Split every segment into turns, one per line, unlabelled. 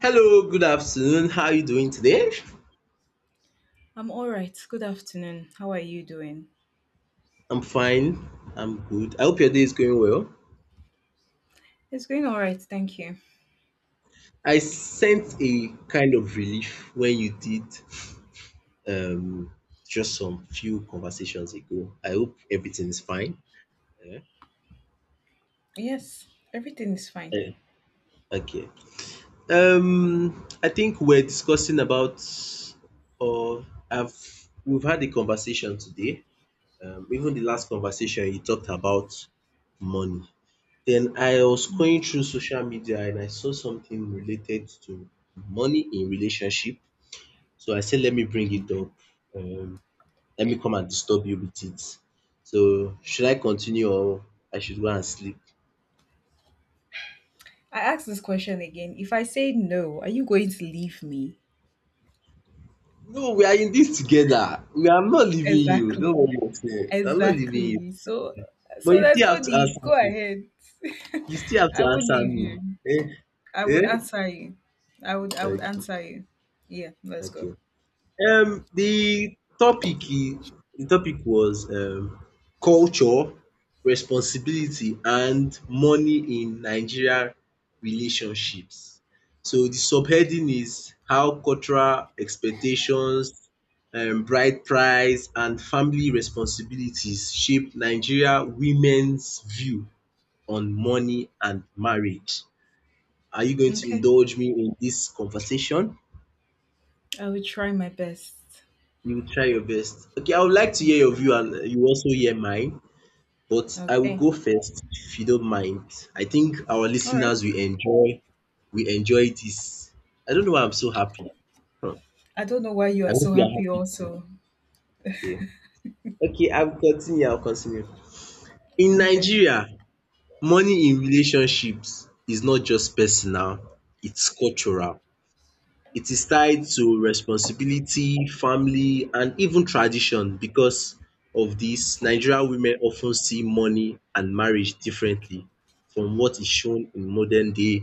Hello, good afternoon. How are you doing today?
I'm all right. Good afternoon. How are you doing?
I'm fine. I'm good. I hope your day is going well.
It's going all right. Thank you.
I sent a kind of relief when you did um just some few conversations ago. I hope everything is fine. Yeah.
Yes, everything is fine.
Eh, Okay. I think we're discussing about or I've we've had a conversation today. Even the last conversation you talked about money. Then I was
Mm,
going through social media and I saw something related to money in relationship. So I said, let me bring it
okay.
up. Um, Let me come and disturb you with it. So should I continue or I should go and sleep?
I asked this question again. If I say no, are you going to leave me?
No, we are in this together. We are not leaving you. Don't
Exactly.
worry yourself. I'm not leaving you.
Exactly. So,
But
so
you
that's
still have
not
to
need.
answer
Go
me.
ahead.
You still have to
I would
answer
leave
me.
you. I
Eh?
would
Eh?
answer you. I would
Okay.
answer you. Yeah. Let's go.
Okay. The the topic was culture, responsibility and money in Nigeria relationships. So the subheading is how cultural expectations, bride price and family responsibilities shape Nigeria women's view on money and marriage. Are you going to
Okay.
indulge me in this conversation?
I will try my best.
You try your best. Okay, I would like to
I'll
hear your
try
view
my
and
best.
you also hear mine, but I will
Okay.
go first if you don't mind. I think our
All right.
listeners will enjoy we enjoy this. I don't know why I'm so happy. Huh.
I don't know why you
I
are
hope
so
you are
happy
happy too.
also.
Yeah. Okay, I'll continue. I'll continue. In
Okay.
Nigeria, money in relationships is not just personal, it's cultural. It is tied to responsibility, family and even tradition. Because of this, Nigerian women often see money and marriage differently from what is shown in modern day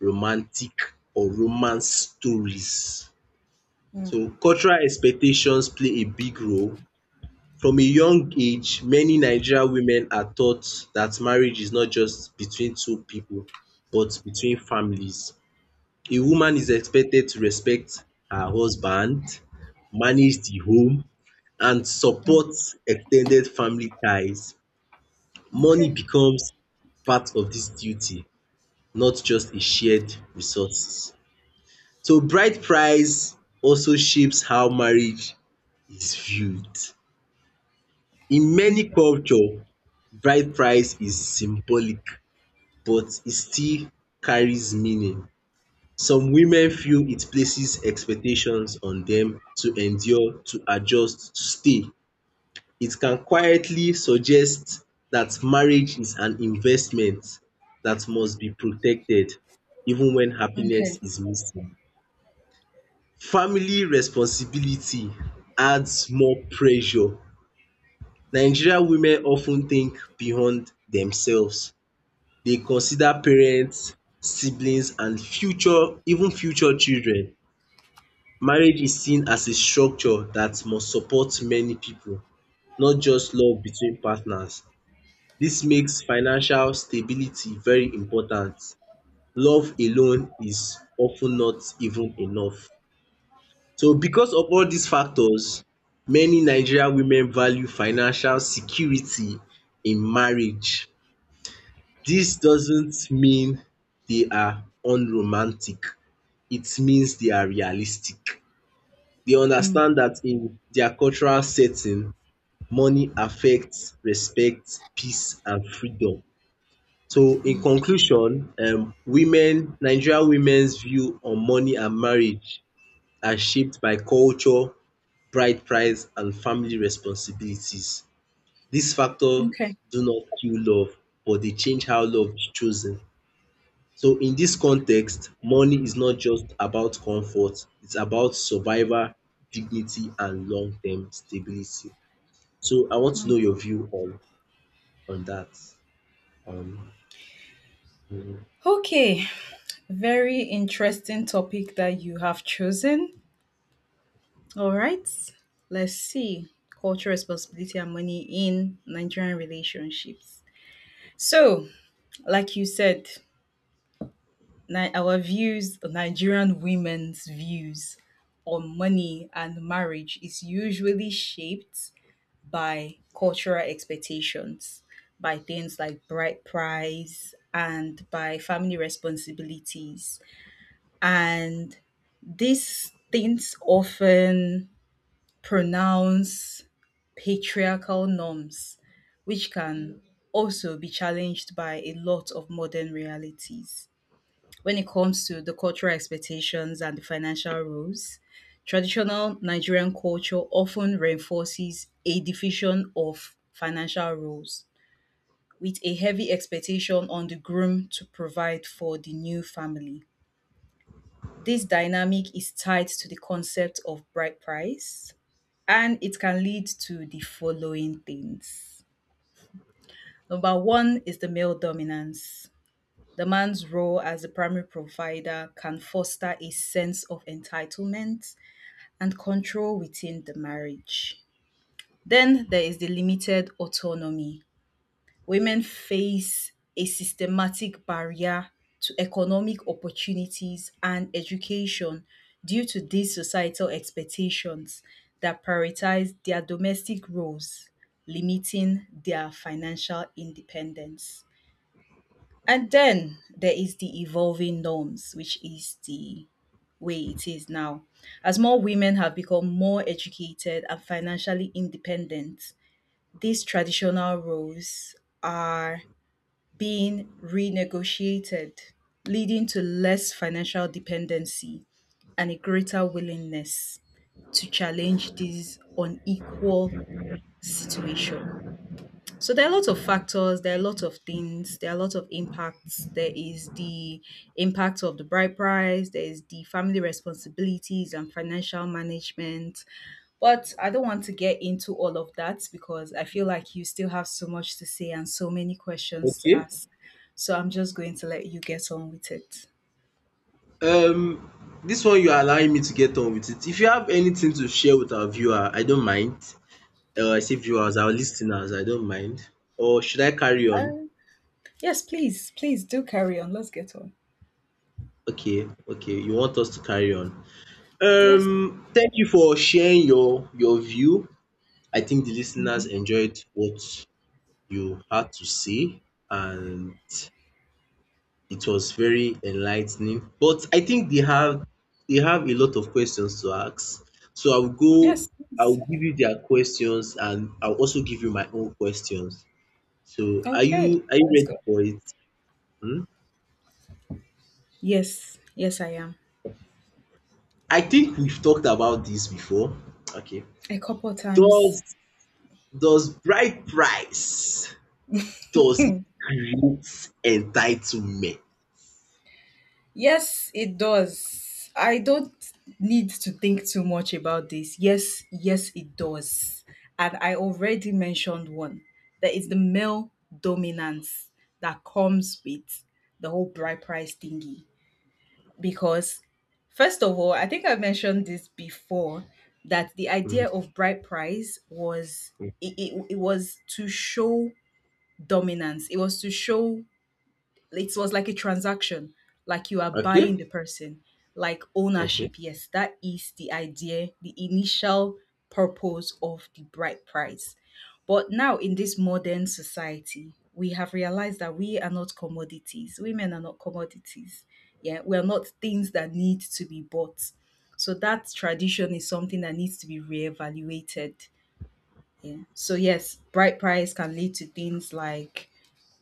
romantic or romance stories.
Mm,
So cultural expectations play a big role. From a young age, many Nigerian women are taught that marriage is not just between two people, but between families. A woman is expected to respect her husband, manage the home and
mm.
support extended family ties. Money
Okay.
becomes part of this duty, not just a shared resource. So bride price also shapes how marriage is viewed. In
Mm,
many culture, bride price is symbolic but e still carries meaning. Some women feel it places expectations on them to endure, to adjust, to stay. It can quietly suggest that marriage is an investment that must be protected even when happiness
okay.
is missing. Family responsibility adds more pressure. Nigerian women of ten think beyond themselves. They consider parents, siblings and future even future children. Marriage is seen as a structure that must support many people, not just love between partners. This makes financial stability very important. Love alone is of ten not even enough. So because of all these factors, many Nigerian women value financial security in marriage. This doesn't mean they are unromantic, it means they are realistic. They
Mm,
understand that in their cultural setting, money affects respect, peace and freedom. So in conclusion, women, Nigeria womens view on money and marriage are shaped by culture, bride price and family responsibilities. These factors
okay.
do not kill love, but they change how love is chosen. So in this context, money is not just about comfort, it's about survival, dignity, and long-term stability. So I want to
Mm.
know your view on that. Um, mm,
Okay. Very interesting topic that you have chosen. All right. Let's see cultural responsibility and money in Nigerian relationships. So, like you said, our views, Nigerian women's views on money and marriage is usually shaped by cultural expectations, by things like bride price, and by family responsibilities. And these things often pronounce patriarchal norms, which can also be challenged by a lot of modern realities. When it comes to the cultural expectations and the financial rules, traditional Nigerian culture often reinforces a division of financial roles with a heavy expectation on the groom to provide for the new family. This dynamic is tied to the concept of bride price, and it can lead to the following things. Number one is the male dominance. The man's role as the primary provider can foster a sense of entitlement and control within the marriage. Then there is the limited autonomy. Women face a systematic barrier to economic opportunities and education due to these societal expectations that prioritize their domestic roles, limiting their financial independence. And then there is the evolving norms, which is the way it is now. As more women have become more educated and financially independent, these traditional roles are being renegotiated, leading to less financial dependency and a greater willingness to challenge this unequal situation. So there are lots of factors, there are lots of things, there are lots of impacts. There is the impact of the bride price, there is the family responsibilities and financial management. But I don't want to get into all of that because I feel like you still have so much to say and so many questions to
okay.
ask. So I'm just going to let you get on with it.
Um, this one you are allowing me to get on with it. If you have anything to share with our viewer, I don't mind. I say viewers, our listeners, I don't mind. Or should I carry on?
Yes, please, please do carry on. Let's get on.
Okay, okay. You want us to carry on.
Yes.
Thank you for sharing your view. I think the listeners
Mhm.
enjoyed what you had to say, and it was very enlightening. But I think they have a lot of questions to ask. So I'll go,
Yes,
I'll
please.
give you their questions, and I'll also give you my own questions. So are
Okay.
you
Let's
ready
go.
for it? Hmm?
Yes. Yes, I am.
I think we've talked about this before. Okay.
A couple times.
Does does bride price does it create entitlement?
Yes, it does. I don't need to think too much about this. Yes, yes, it does. And I already mentioned one. There is the male dominance that comes with the whole bride price thingy. Because, first of all, I think I mentioned this before that the idea
Mhm.
of bride price was it was to show dominance. It was to show, it was like a transaction, like you are
Okay,
buying the person, like
okay.
ownership. Yes, that is the idea, the initial purpose of the bride price. But now in this modern society, we have realized that we are not commodities, women are not commodities. Yeah, we are not things that need to be bought, so that tradition is something that needs to be reevaluated. Yeah, so yes, bride price can lead to things like,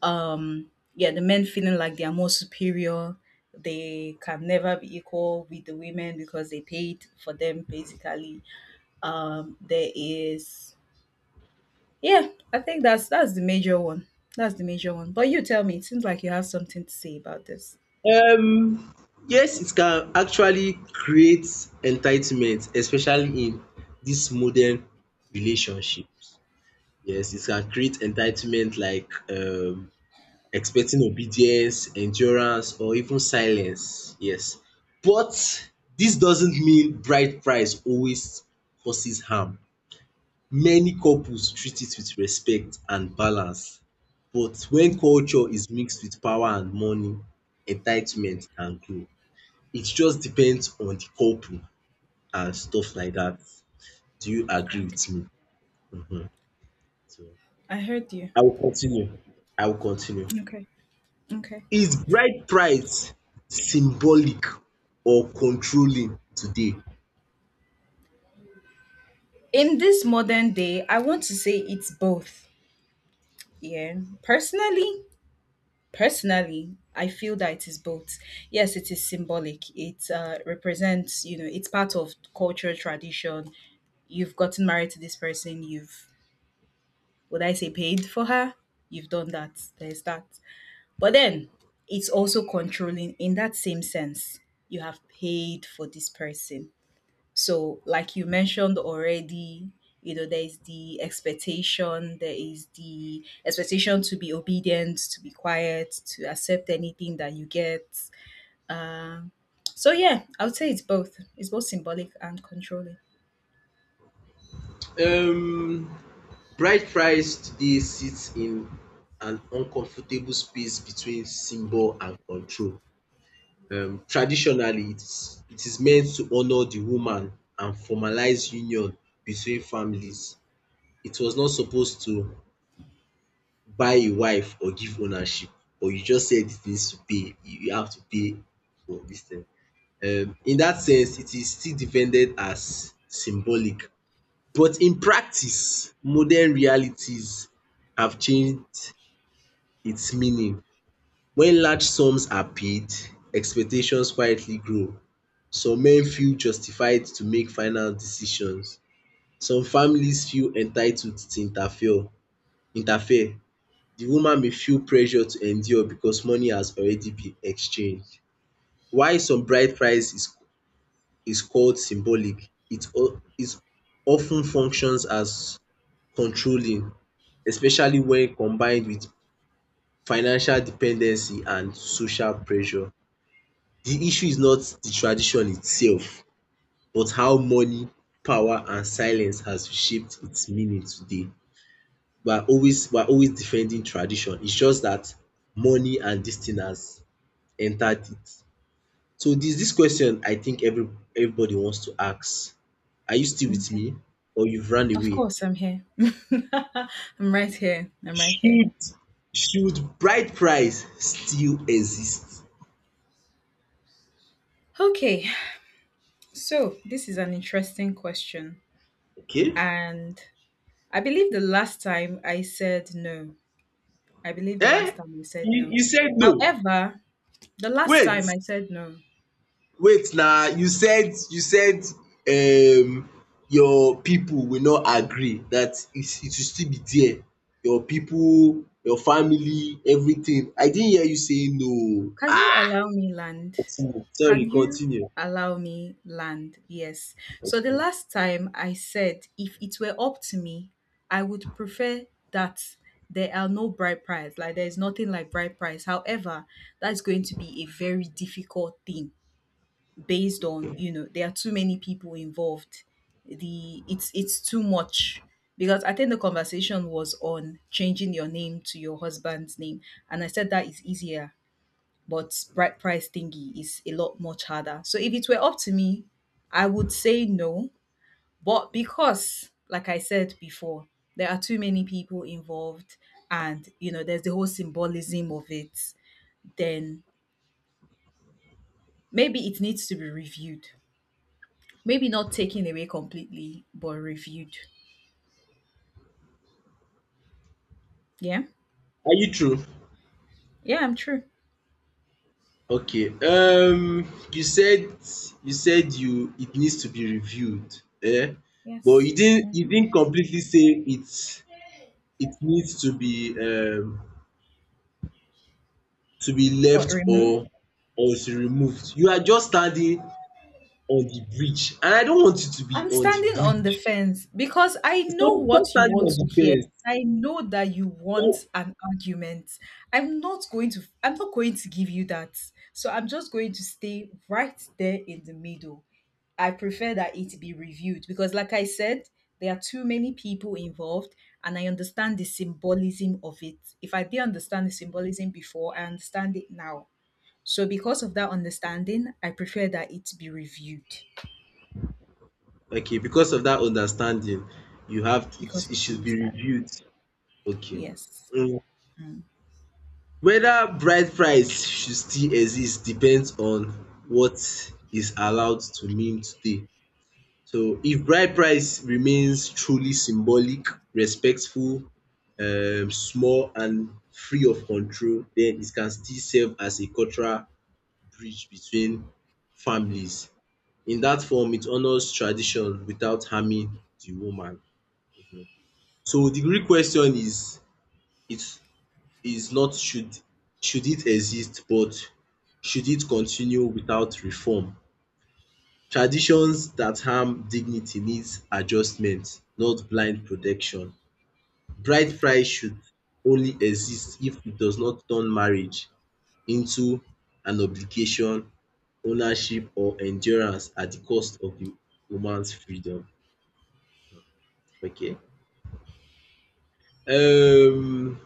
um yeah, the men feeling like they are more superior. They can never be equal with the women because they paid for them, basically. There is, yeah, I think that's the major one. That's the major one, but you tell me, it seems like you have something to say about this.
Um, yes, it can actually create entitlement, especially in dis modern relationships. Yes, it can create entitlement like expecting obedience, endurance or even silence. Yes, but this doesn't mean bride price always causes harm. Many couples treat it with respect and balance, but when culture is mixed with power and money, entitlement can grow. It just depends on the couple and stuff like that. Do you agree with
Okay,
me? Mhm. So,
I heard you.
I will continue. I will continue.
Okay. Okay.
Is bride price symbolic or controlling today?
In this modern day, I want to say it's both. Yeah. Personally Personally, I feel that it is both. Yes, it is symbolic. It represents, you know, it's part of culture, tradition. You've gotten married to this person. You've, would I say, paid for her? You've done that. There's that. But then it's also controlling in that same sense. You have paid for this person. So, like you mentioned already, you know, there is the expectation, there is the expectation to be obedient, to be quiet, to accept anything that you get. So, yeah, I would say it's both. It's both symbolic and controlling.
Um Bride price today sits in an uncomfortable space between symbol and control. Traditionally, it is meant to honor the woman and formalize union between families. It was not supposed to buy a wife or give ownership, or you just said it needs to pay, you have to pay for this thing. In that sense, it is still defended as symbolic, but in practice, modern realities have changed its meaning. When large sums are paid, expectations quietly grow. Some men feel justified to make final decisions. Some families feel entitled to interfere. The woman may feel pressure to endure because money has already been exchanged. While some bride price is called symbolic, it it often functions as controlling, especially when combined with financial dependency and social pressure. The issue is not the tradition itself, but how money, power and silence has shaped its meaning today. We are always defending tradition, it's just that money and this thing has entered it. So this question I think everybody wants to ask. Are you still with
Okay.
me or you've run
Of
away?
course, I'm here. I'm right here. I'm right here.
Should should bride price still exist?
Okay, so this is an interesting question.
Okay?
And I believe the last time I said no. I believe the
Eh?
last time I said
You
no.
you said no.
However, the last time
Wait
I said no.
wait na you said you said um your people will not agree that it will still be there, your people, your family, everything. I didn't hear you say no oo
Can you
ah
allow me land?
continue. Sorry,
Can you
continue.
allow me land? Yes. So the last time I said, if it were up to me, I would prefer that there are no bride price. Like there is nothing like bride price. However, that's going to be a very difficult thing based on, you know, there are too many people involved. The, it's too much, because I think the conversation was on changing your name to your husband's name, and I said that is easier, but bright price thingy is a lot much harder. So if it were up to me, I would say no. But because, like I said before, there are too many people involved, and you know, there's the whole symbolism of it. Then maybe it needs to be reviewed. Maybe not taken away completely, but reviewed. Yeah.
Are you through?
Yeah, I'm true.
Okay. You said you it needs to be reviewed, um but
Yes.
you
Mhm.
didn't completely say it it needs to be
But
left
removed.
or to removed. You are just standing on the bridge and I don't want you to be
I'm
on the
standing on
bridge.
the fence because I
Stop
know
stop
what you
standing
want
on
to
the
hear.
fence.
I know that you want
Stop.
an argument. I'm not going to give you that. So I'm just going to stay right there in the middle. I prefer that it be reviewed because, like I said, there are too many people involved, and I understand the symbolism of it. If I didn't understand the symbolism before, I understand it now. So because of that understanding, I prefer that it be reviewed
Okay, because of that understanding, you have
because
it it
of the
should be
understanding.
reviewed. Okay.
Yes.
um
Mm.
Whether bride price should still exist depends on what is allowed to meme today. So if bride price remains truly symbolic, respectful, small and free of control, then it can still serve as a cultural bridge between families. In that form, it honours tradition without harming the woman. So the real question is it is not should it exist but should it continue without reform? Traditions that harm dignity needs adjustment, not blind protection. Bride price should only exist if it does not turn marriage into an obligation, ownership or endurance at the cost of the woman's freedom. Okay. Um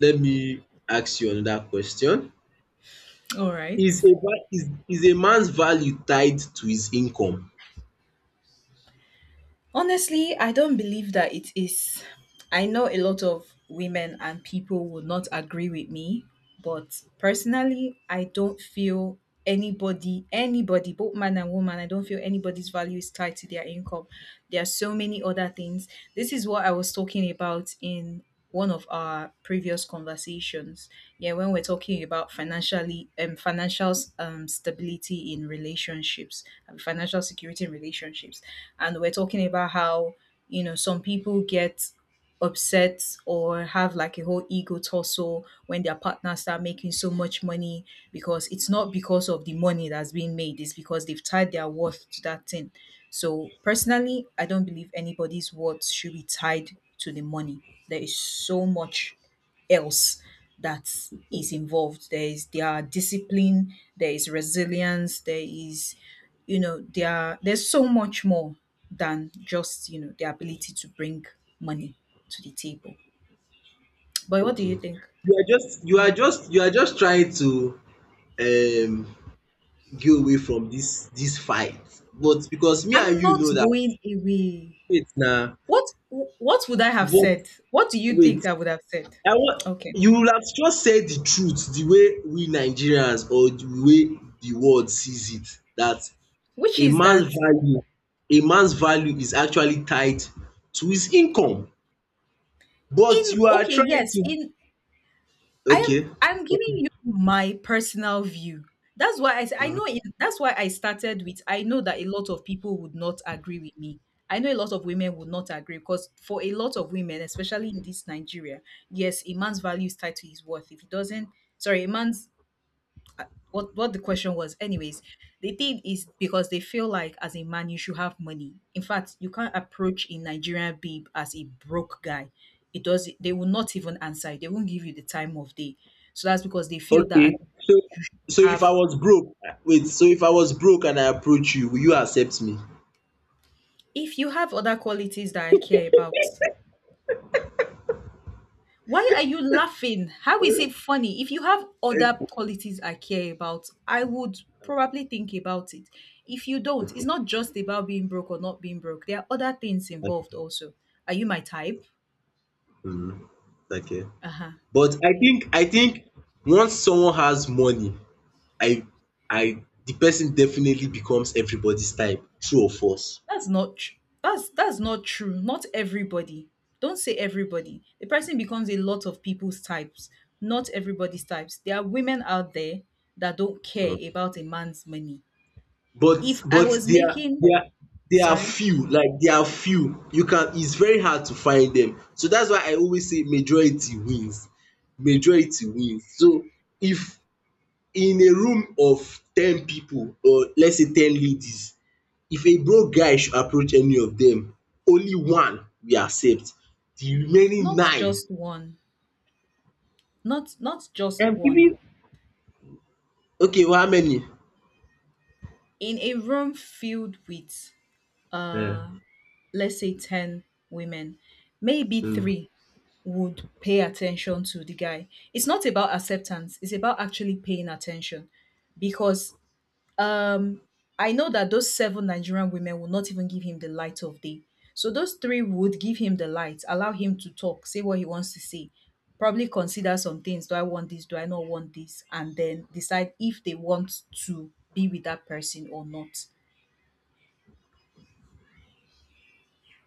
let me ask you another question.
All right.
Is is a man's value tied to his income?
Honestly, I don't believe that it is. I know a lot of women and people would not agree with me, but personally, I don't feel anybody, anybody, both man and woman, I don't feel anybody's value is tied to their income. There are so many other things. This is what I was talking about in one of our previous conversations. Yeah, when we're talking about financial stability in relationships and financial security in relationships, and we're talking about how, you know, some people get upset or have like a whole ego tussle when their partners start making so much money, because it's not because of the money that's being made, it's because they've tied their worth to that thing. So personally, I don't believe anybody's worth should be tied to the money. There is so much else that is involved. There is their discipline, there is resilience, there is, you know, there are, there's so much more than just, you know, the ability to bring money to the table. But what do you
Okay.
think?
You are just you
Yeah.
are just you are just trying to um get away from this fight but because me and
I'm
you
not
know that
going away.
wait na
What would I have
but
said? What do you think
wait,
I would have said?
I wan
Okay,
you would have just said the truth the way we Nigerians or the way the world sees it that
which
a
is
man's
that.
value a man's value is actually tied to his income
In,
but you are
okay,
trying
yes,
to
in, I am
okay
I'm giving you my personal view. That's why I know it, that's why I started with, I know that a lot of people would not agree with me. I know a lot of women would not agree because for a lot of women, especially in this Nigeria, yes, a man's value is tied to his worth. If he doesn't, sorry, a man's, what the question was anyways. The thing is, because they feel like as a man, you should have money. In fact, you can't approach a Nigerian babe as a broke guy. It does, they will not even answer you. They won't give you the time of day. So that's because they feel that.
okay so so
I
if I
have
was broke wait so if I was broke and I approach you will you accept me?
If you have other qualities that I care about. Why are you laughing? How is it funny? If you have other
Eh,
qualities I care about, I would probably think about it. If you don't, it's
Okay,
not just about being broke or not being broke. There are other things
okay.
involved also. Are you my type?
Mhm. Okay.
Uh-huh.
But
Yes.
I think once someone has money, I I the person definitely becomes everybody's type, true or false.
That's not tr- that's not true. Not everybody. Don't say everybody. The person becomes a lot of people's types. Not everybody's types. There are women out there that don't care
Mhm.
about a man's money.
But
If I
but
was
there are
making
there are there are
sorry.
few, like there are few. You can it's very hard to find them. So that's why I always say majority wins. Majority wins. So if in a room of 10 people or let's say 10 ladies, if a broke guy should approach any of them, only one we accept. The remaining
Not
9
just one. Not just one.
even okay well, how many
In a room filled with uh
um
let's say 10 women, maybe
um
3 would pay attention to the guy. It's not about acceptance, it's about actually paying attention, because Um, I know that those seven Nigerian women will not even give him the light of day. So those three would give him the light, allow him to talk, say what he wants to say, probably consider some things. Do I want this? Do I not want this? And then decide if they want to be with that person or not.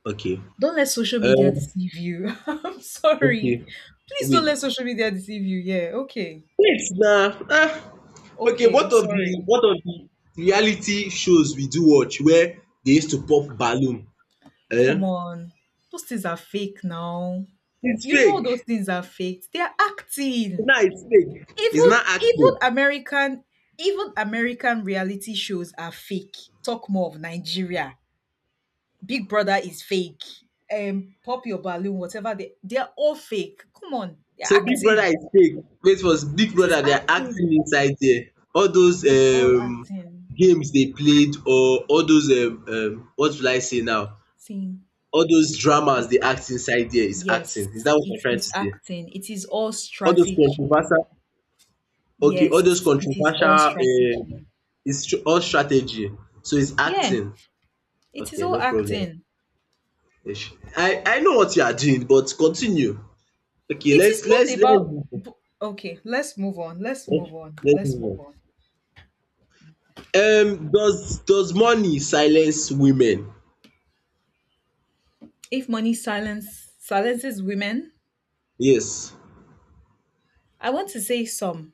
okay
Don't let social media
um
deceive you. I'm
okay.
sorry. Please
wait
don't let social media deceive you. Yeah, okay.
wait now. Ah. Okay,
Okay,
what of
sorry.
the reality shows we do watch where they used to pop balloon
Come
um
on. Those things are fake now.
its
You know those
fake
things are faked. They are acting.
now its fake its
Even
not
even
acting.
American even American reality shows are fake. Talk more of Nigeria. Big Brother is fake. Pop your balloon, whatever they are all fake. Come on, they're
So Big Brother
acting.
is fake. Wait was Big
It is
Brother they are acting
acting.
inside there. All those
It's all acting.
games they played or all those what will I say now?
Seeing
All those dramas
it's
they act inside there is acting. Is
Yes,
that what you're
it
trying to
is
say?
acting. It is all
All those
strategy.
controversial okay, all those
Yes, it is
controversial
all
um
strategy.
it's tr- all strategy. So it's
Yeah,
acting.
it is
Okay,
all
no problem.
acting.
Ish. I know what you are doing, but continue. Okay,
It is
let's
not
let's let's
about.
move on.
B- Okay, let's move on. Let's
let's
move on.
let's
Let's
move
move
on.
on.
Does money silence women?
If money silence silences women,
Yes.
I want to say some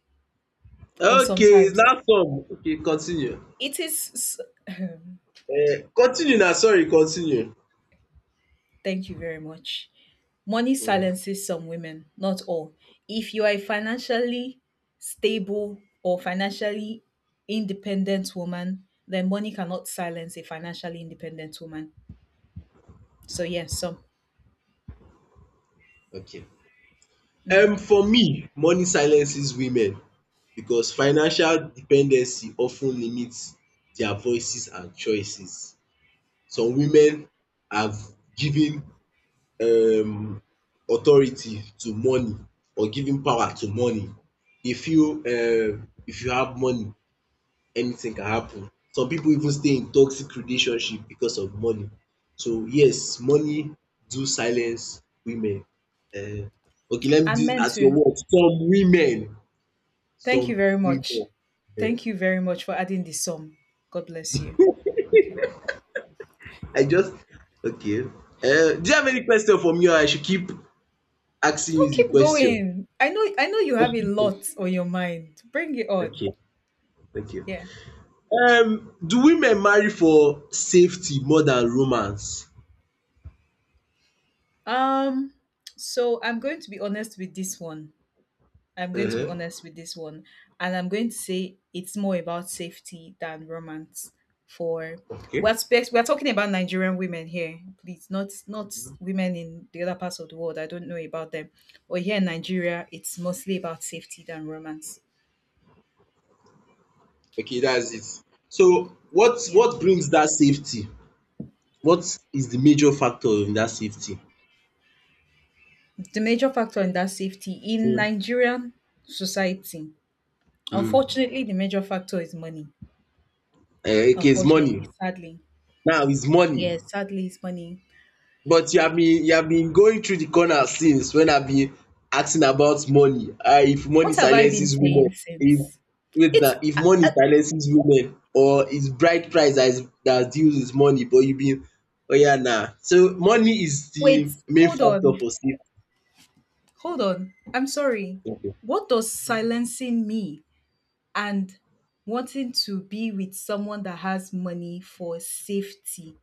or
Okay, it's
sometimes.
not some. Okay, continue.
It is. s-
Continue na, sorry, continue.
Thank you very much. Money
um
silences some women, not all. If you are a financially stable or financially independent woman, then money cannot silence a financially independent woman. So yes, some.
okay.
Mm.
For me, money silences women because financial dependency often limits their voices and choices. Some women have given um authority to money or given power to money. Dey feel if you have money anything can happen. Some people even stay in toxic relationship because of money. So yes, money do silence women um. Okay, let me do
And
it
men
at your
too.
word, some women,
Thank you
some
very much.
women.
Thank you very much for adding the sum. God bless you. Okay.
I just okay, do you have any question for me or I should keep asking
No,
you the
keep
question?
going. I know you
I
have a
should keep-
lot on your mind. Bring it on.
okay, okay.
Yeah.
Do women marry for safety more than romance?
Um so I'm going to be honest with this one. I'm going to be
um
honest with this one. And I'm going to say it's more about safety than romance. For
okay.
we're talking about Nigerian women here, please, not women in the other parts of the world. I don't know about them. But here in Nigeria, it's mostly about safety than romance.
Okay, that's it. So what
Yeah.
what brings that safety? What is the major factor in that safety?
The major factor in that safety in
Mm.
Nigerian society,
Mm.
unfortunately, the major factor is money.
Eh, okay, it's money.
Unfortunately, sadly.
Now it's money.
Yes, sadly, it's money.
But you have been going through the corner since when I've been asking about money. Ah, if money
What have I been
silences women,
saying
if
since?
wait now,
It's
if money
I
silences women or it's bride price that is that deals with money, but you been oya na. So money is the
Wait,
main
hold
factor
on.
for safety.
Hold on. I'm sorry. What does silencing me and wanting to be with someone that has money for safety?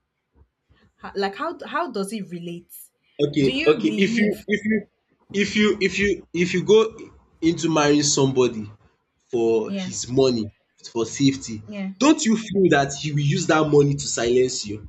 Like how does it relate?
Okay,
Do you
okay, if you
believe?
if you if you if you if you go into marrying somebody for
Yeah.
his money, for safety,
Yeah.
don't you feel that he will use that money to silence you?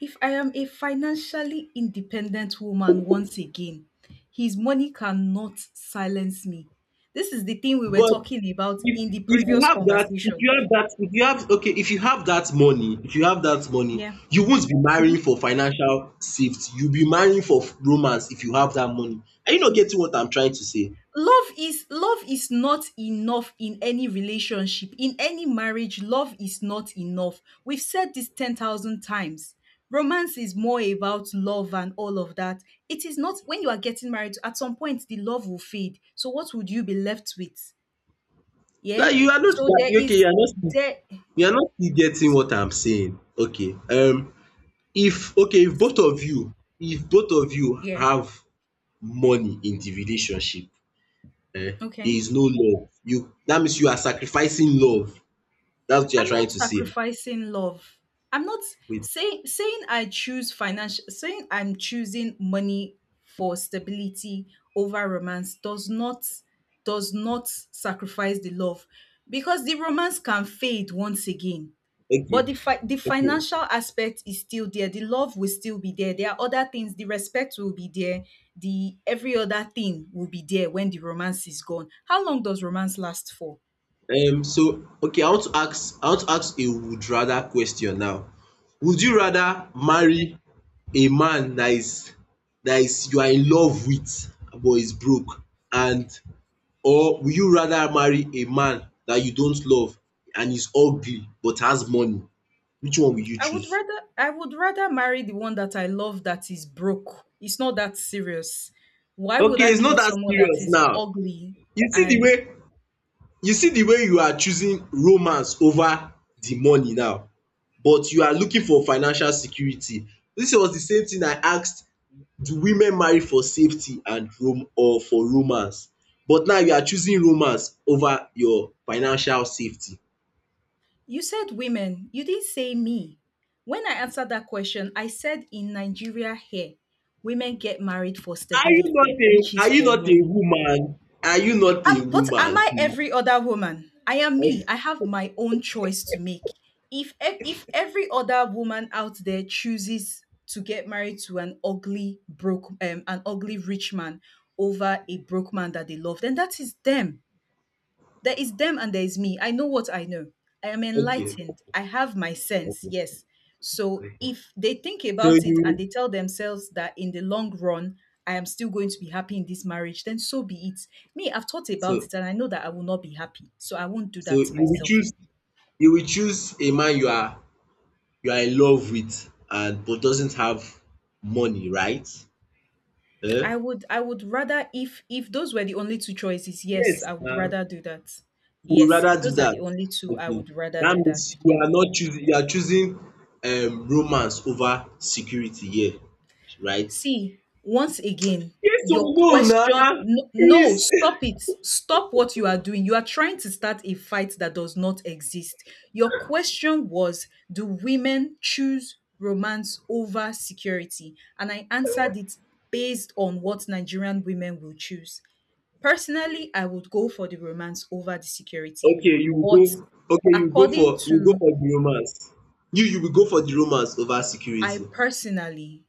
If I am a financially independent woman once again, his money cannot silence me. This is the thing we were
But
talking about
if
in the
if you
previous
have that if
conversation.
you have that if you have okay if you have that money if you have that money
Yeah.
you won't be marrying
Mm-hmm.
for financial safety, you'll be marrying for romance. If you have that money, are you not getting what I'm trying to say?
Love is not enough in any relationship, in any marriage. Love is not enough. We've said this 10,000 times. Romance is more about love and all of that. It is not when you are getting married, at some point the love will fade. So what would you be left with? Yeah.
That you are not,
so
that,
there
okay, you
is
are not,
there
you are not still getting what I'm saying. Okay. If, okay, if
See,
both of you, if both of you
yeah,
have money in the relationship, um there
okay,
is no love. You, that means you are sacrificing love, that's what you are
I'm
trying
not
to say.
sacrificing love. I'm not
Wait.
saying Saying I choose financial saying I'm choosing money for stability over romance does not, does not sacrifice the love, because the romance can fade once again.
Okay,
But the
okay
financial aspect is still there. The love will still be there. There are other things. The respect will be there. The every other thing will be there when the romance is gone. How long does romance last for?
um So okay, I want to ask a would rather question now. Would you rather marry a man that is, that is, you are in love with but is broke, and or will you rather marry a man that you don't love and is ugly but has money? Which one will you choose?
I would rather marry the one that I love that is broke. It's not that serious. Why would
Okay,
I
it's
be
not
with
that
someone that
serious
is
now.
ugly?
You see the
And
way you see the way you are choosing romance over the money now, but you are looking for financial security. This was the same thing I asked, do women marry for safety and rom or for romance? But now you are choosing romance over your financial safety.
you said women. You didn't say me. When I answered that question, I said in Nigeria here, women get married for
Are you
stability,
not
which
a
is
are you
for
not a
money.
woman? Are you not a
But am
woman,
I
please?
every other woman? I am me. I have my own choice to make. If every other woman out there chooses to get married to an ugly broke an ugly rich man over a broke man that they love, then that is them. There is them and there is me. I know what I know. I am
Okay.
enlightened. I have my sense.
Okay.
Yes. So
Okay.
if they think
So
about it and
you,
they tell themselves that in the long run, I am still going to be happy in this marriage, then so be it. Me, I've thought about
so
it and I know that I will not be happy. So I won't do
so
that to
you will
myself.
choose, you will choose a man you are, you are in love with and but doesn't have money, right? Eh?
I would rather if those were the only two choices, yes,
Yes,
I would rather do that.
you would
Yes, if
rather do
those are
that.
the only two, I
Okay.
would rather
That
do that.
means you
Yeah.
are not choosing, you are choosing romance over security here, right?
See, once again,
Yes or
your
no
question,
na?
no, no,
Is
stop it. Stop what you are doing. You are trying to start a fight that does not exist. Your question was, do women choose romance over security? And I answered it based on what Nigerian women will choose. Personally, I would go for the romance over the security.
okay, you will
But
go. Okay, you go
according
for, you go
to,
for the romance. You will go for the romance over
I
security.
personally,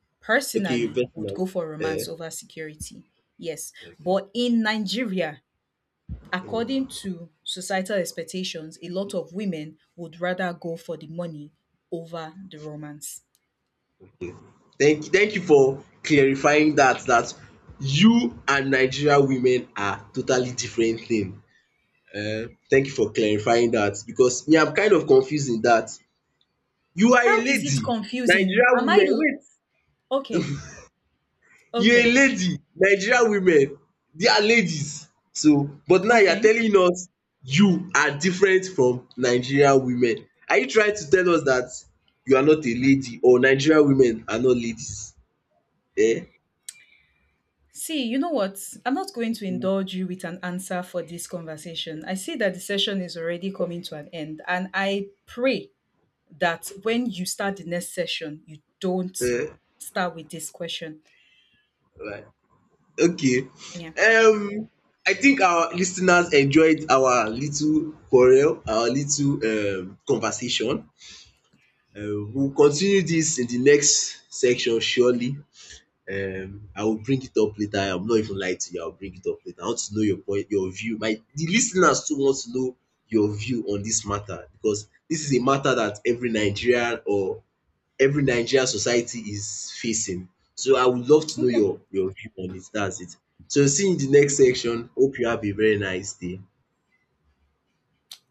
Okay, you
personally would
personally.
go for
Eh,
romance over security. Yes.
okay.
But in Nigeria, according to societal expectations, a lot of women would rather go for the money over the romance.
Thank you for clarifying that, that you and Nigeria women are totally different thing. Thank you for clarifying that because me I'm kind of confused in that you are a
How is it
lady.
confusing?
Nigeria women wait,
Okay?
you are a
Okay.
lady, Nigerian women, they are ladies, so but now you are
Okay.
telling us you are different from Nigerian women. Are you trying to tell us that you are not a lady or Nigerian women are not ladies? Eh?
See, you know what? I'm not going to indulge you with an answer for this conversation. I see that the session is already coming to an end, and I pray that when you start the next session, you don't
Eh?
start with this question.
Right. okay
Yeah.
um I think our listeners enjoyed our little quarrel, our little conversation. We will continue this in the next section, surely. I will bring it up later. I'm not even lying to you. I'll bring it up later. I want to know your point, your view. My, the listeners too want to know your view on this matter, because this is a matter that every Nigerian or every Nigerian society is facing. So I would love to know
Okay.
your view on it. That's it. So see you in the next
Okay.
section. Hope you have a very nice day.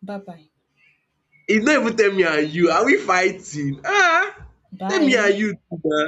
Bye bye.
E no even tell me and you. Are we fighting? Ah, tell me and
Bye.
you, too, na.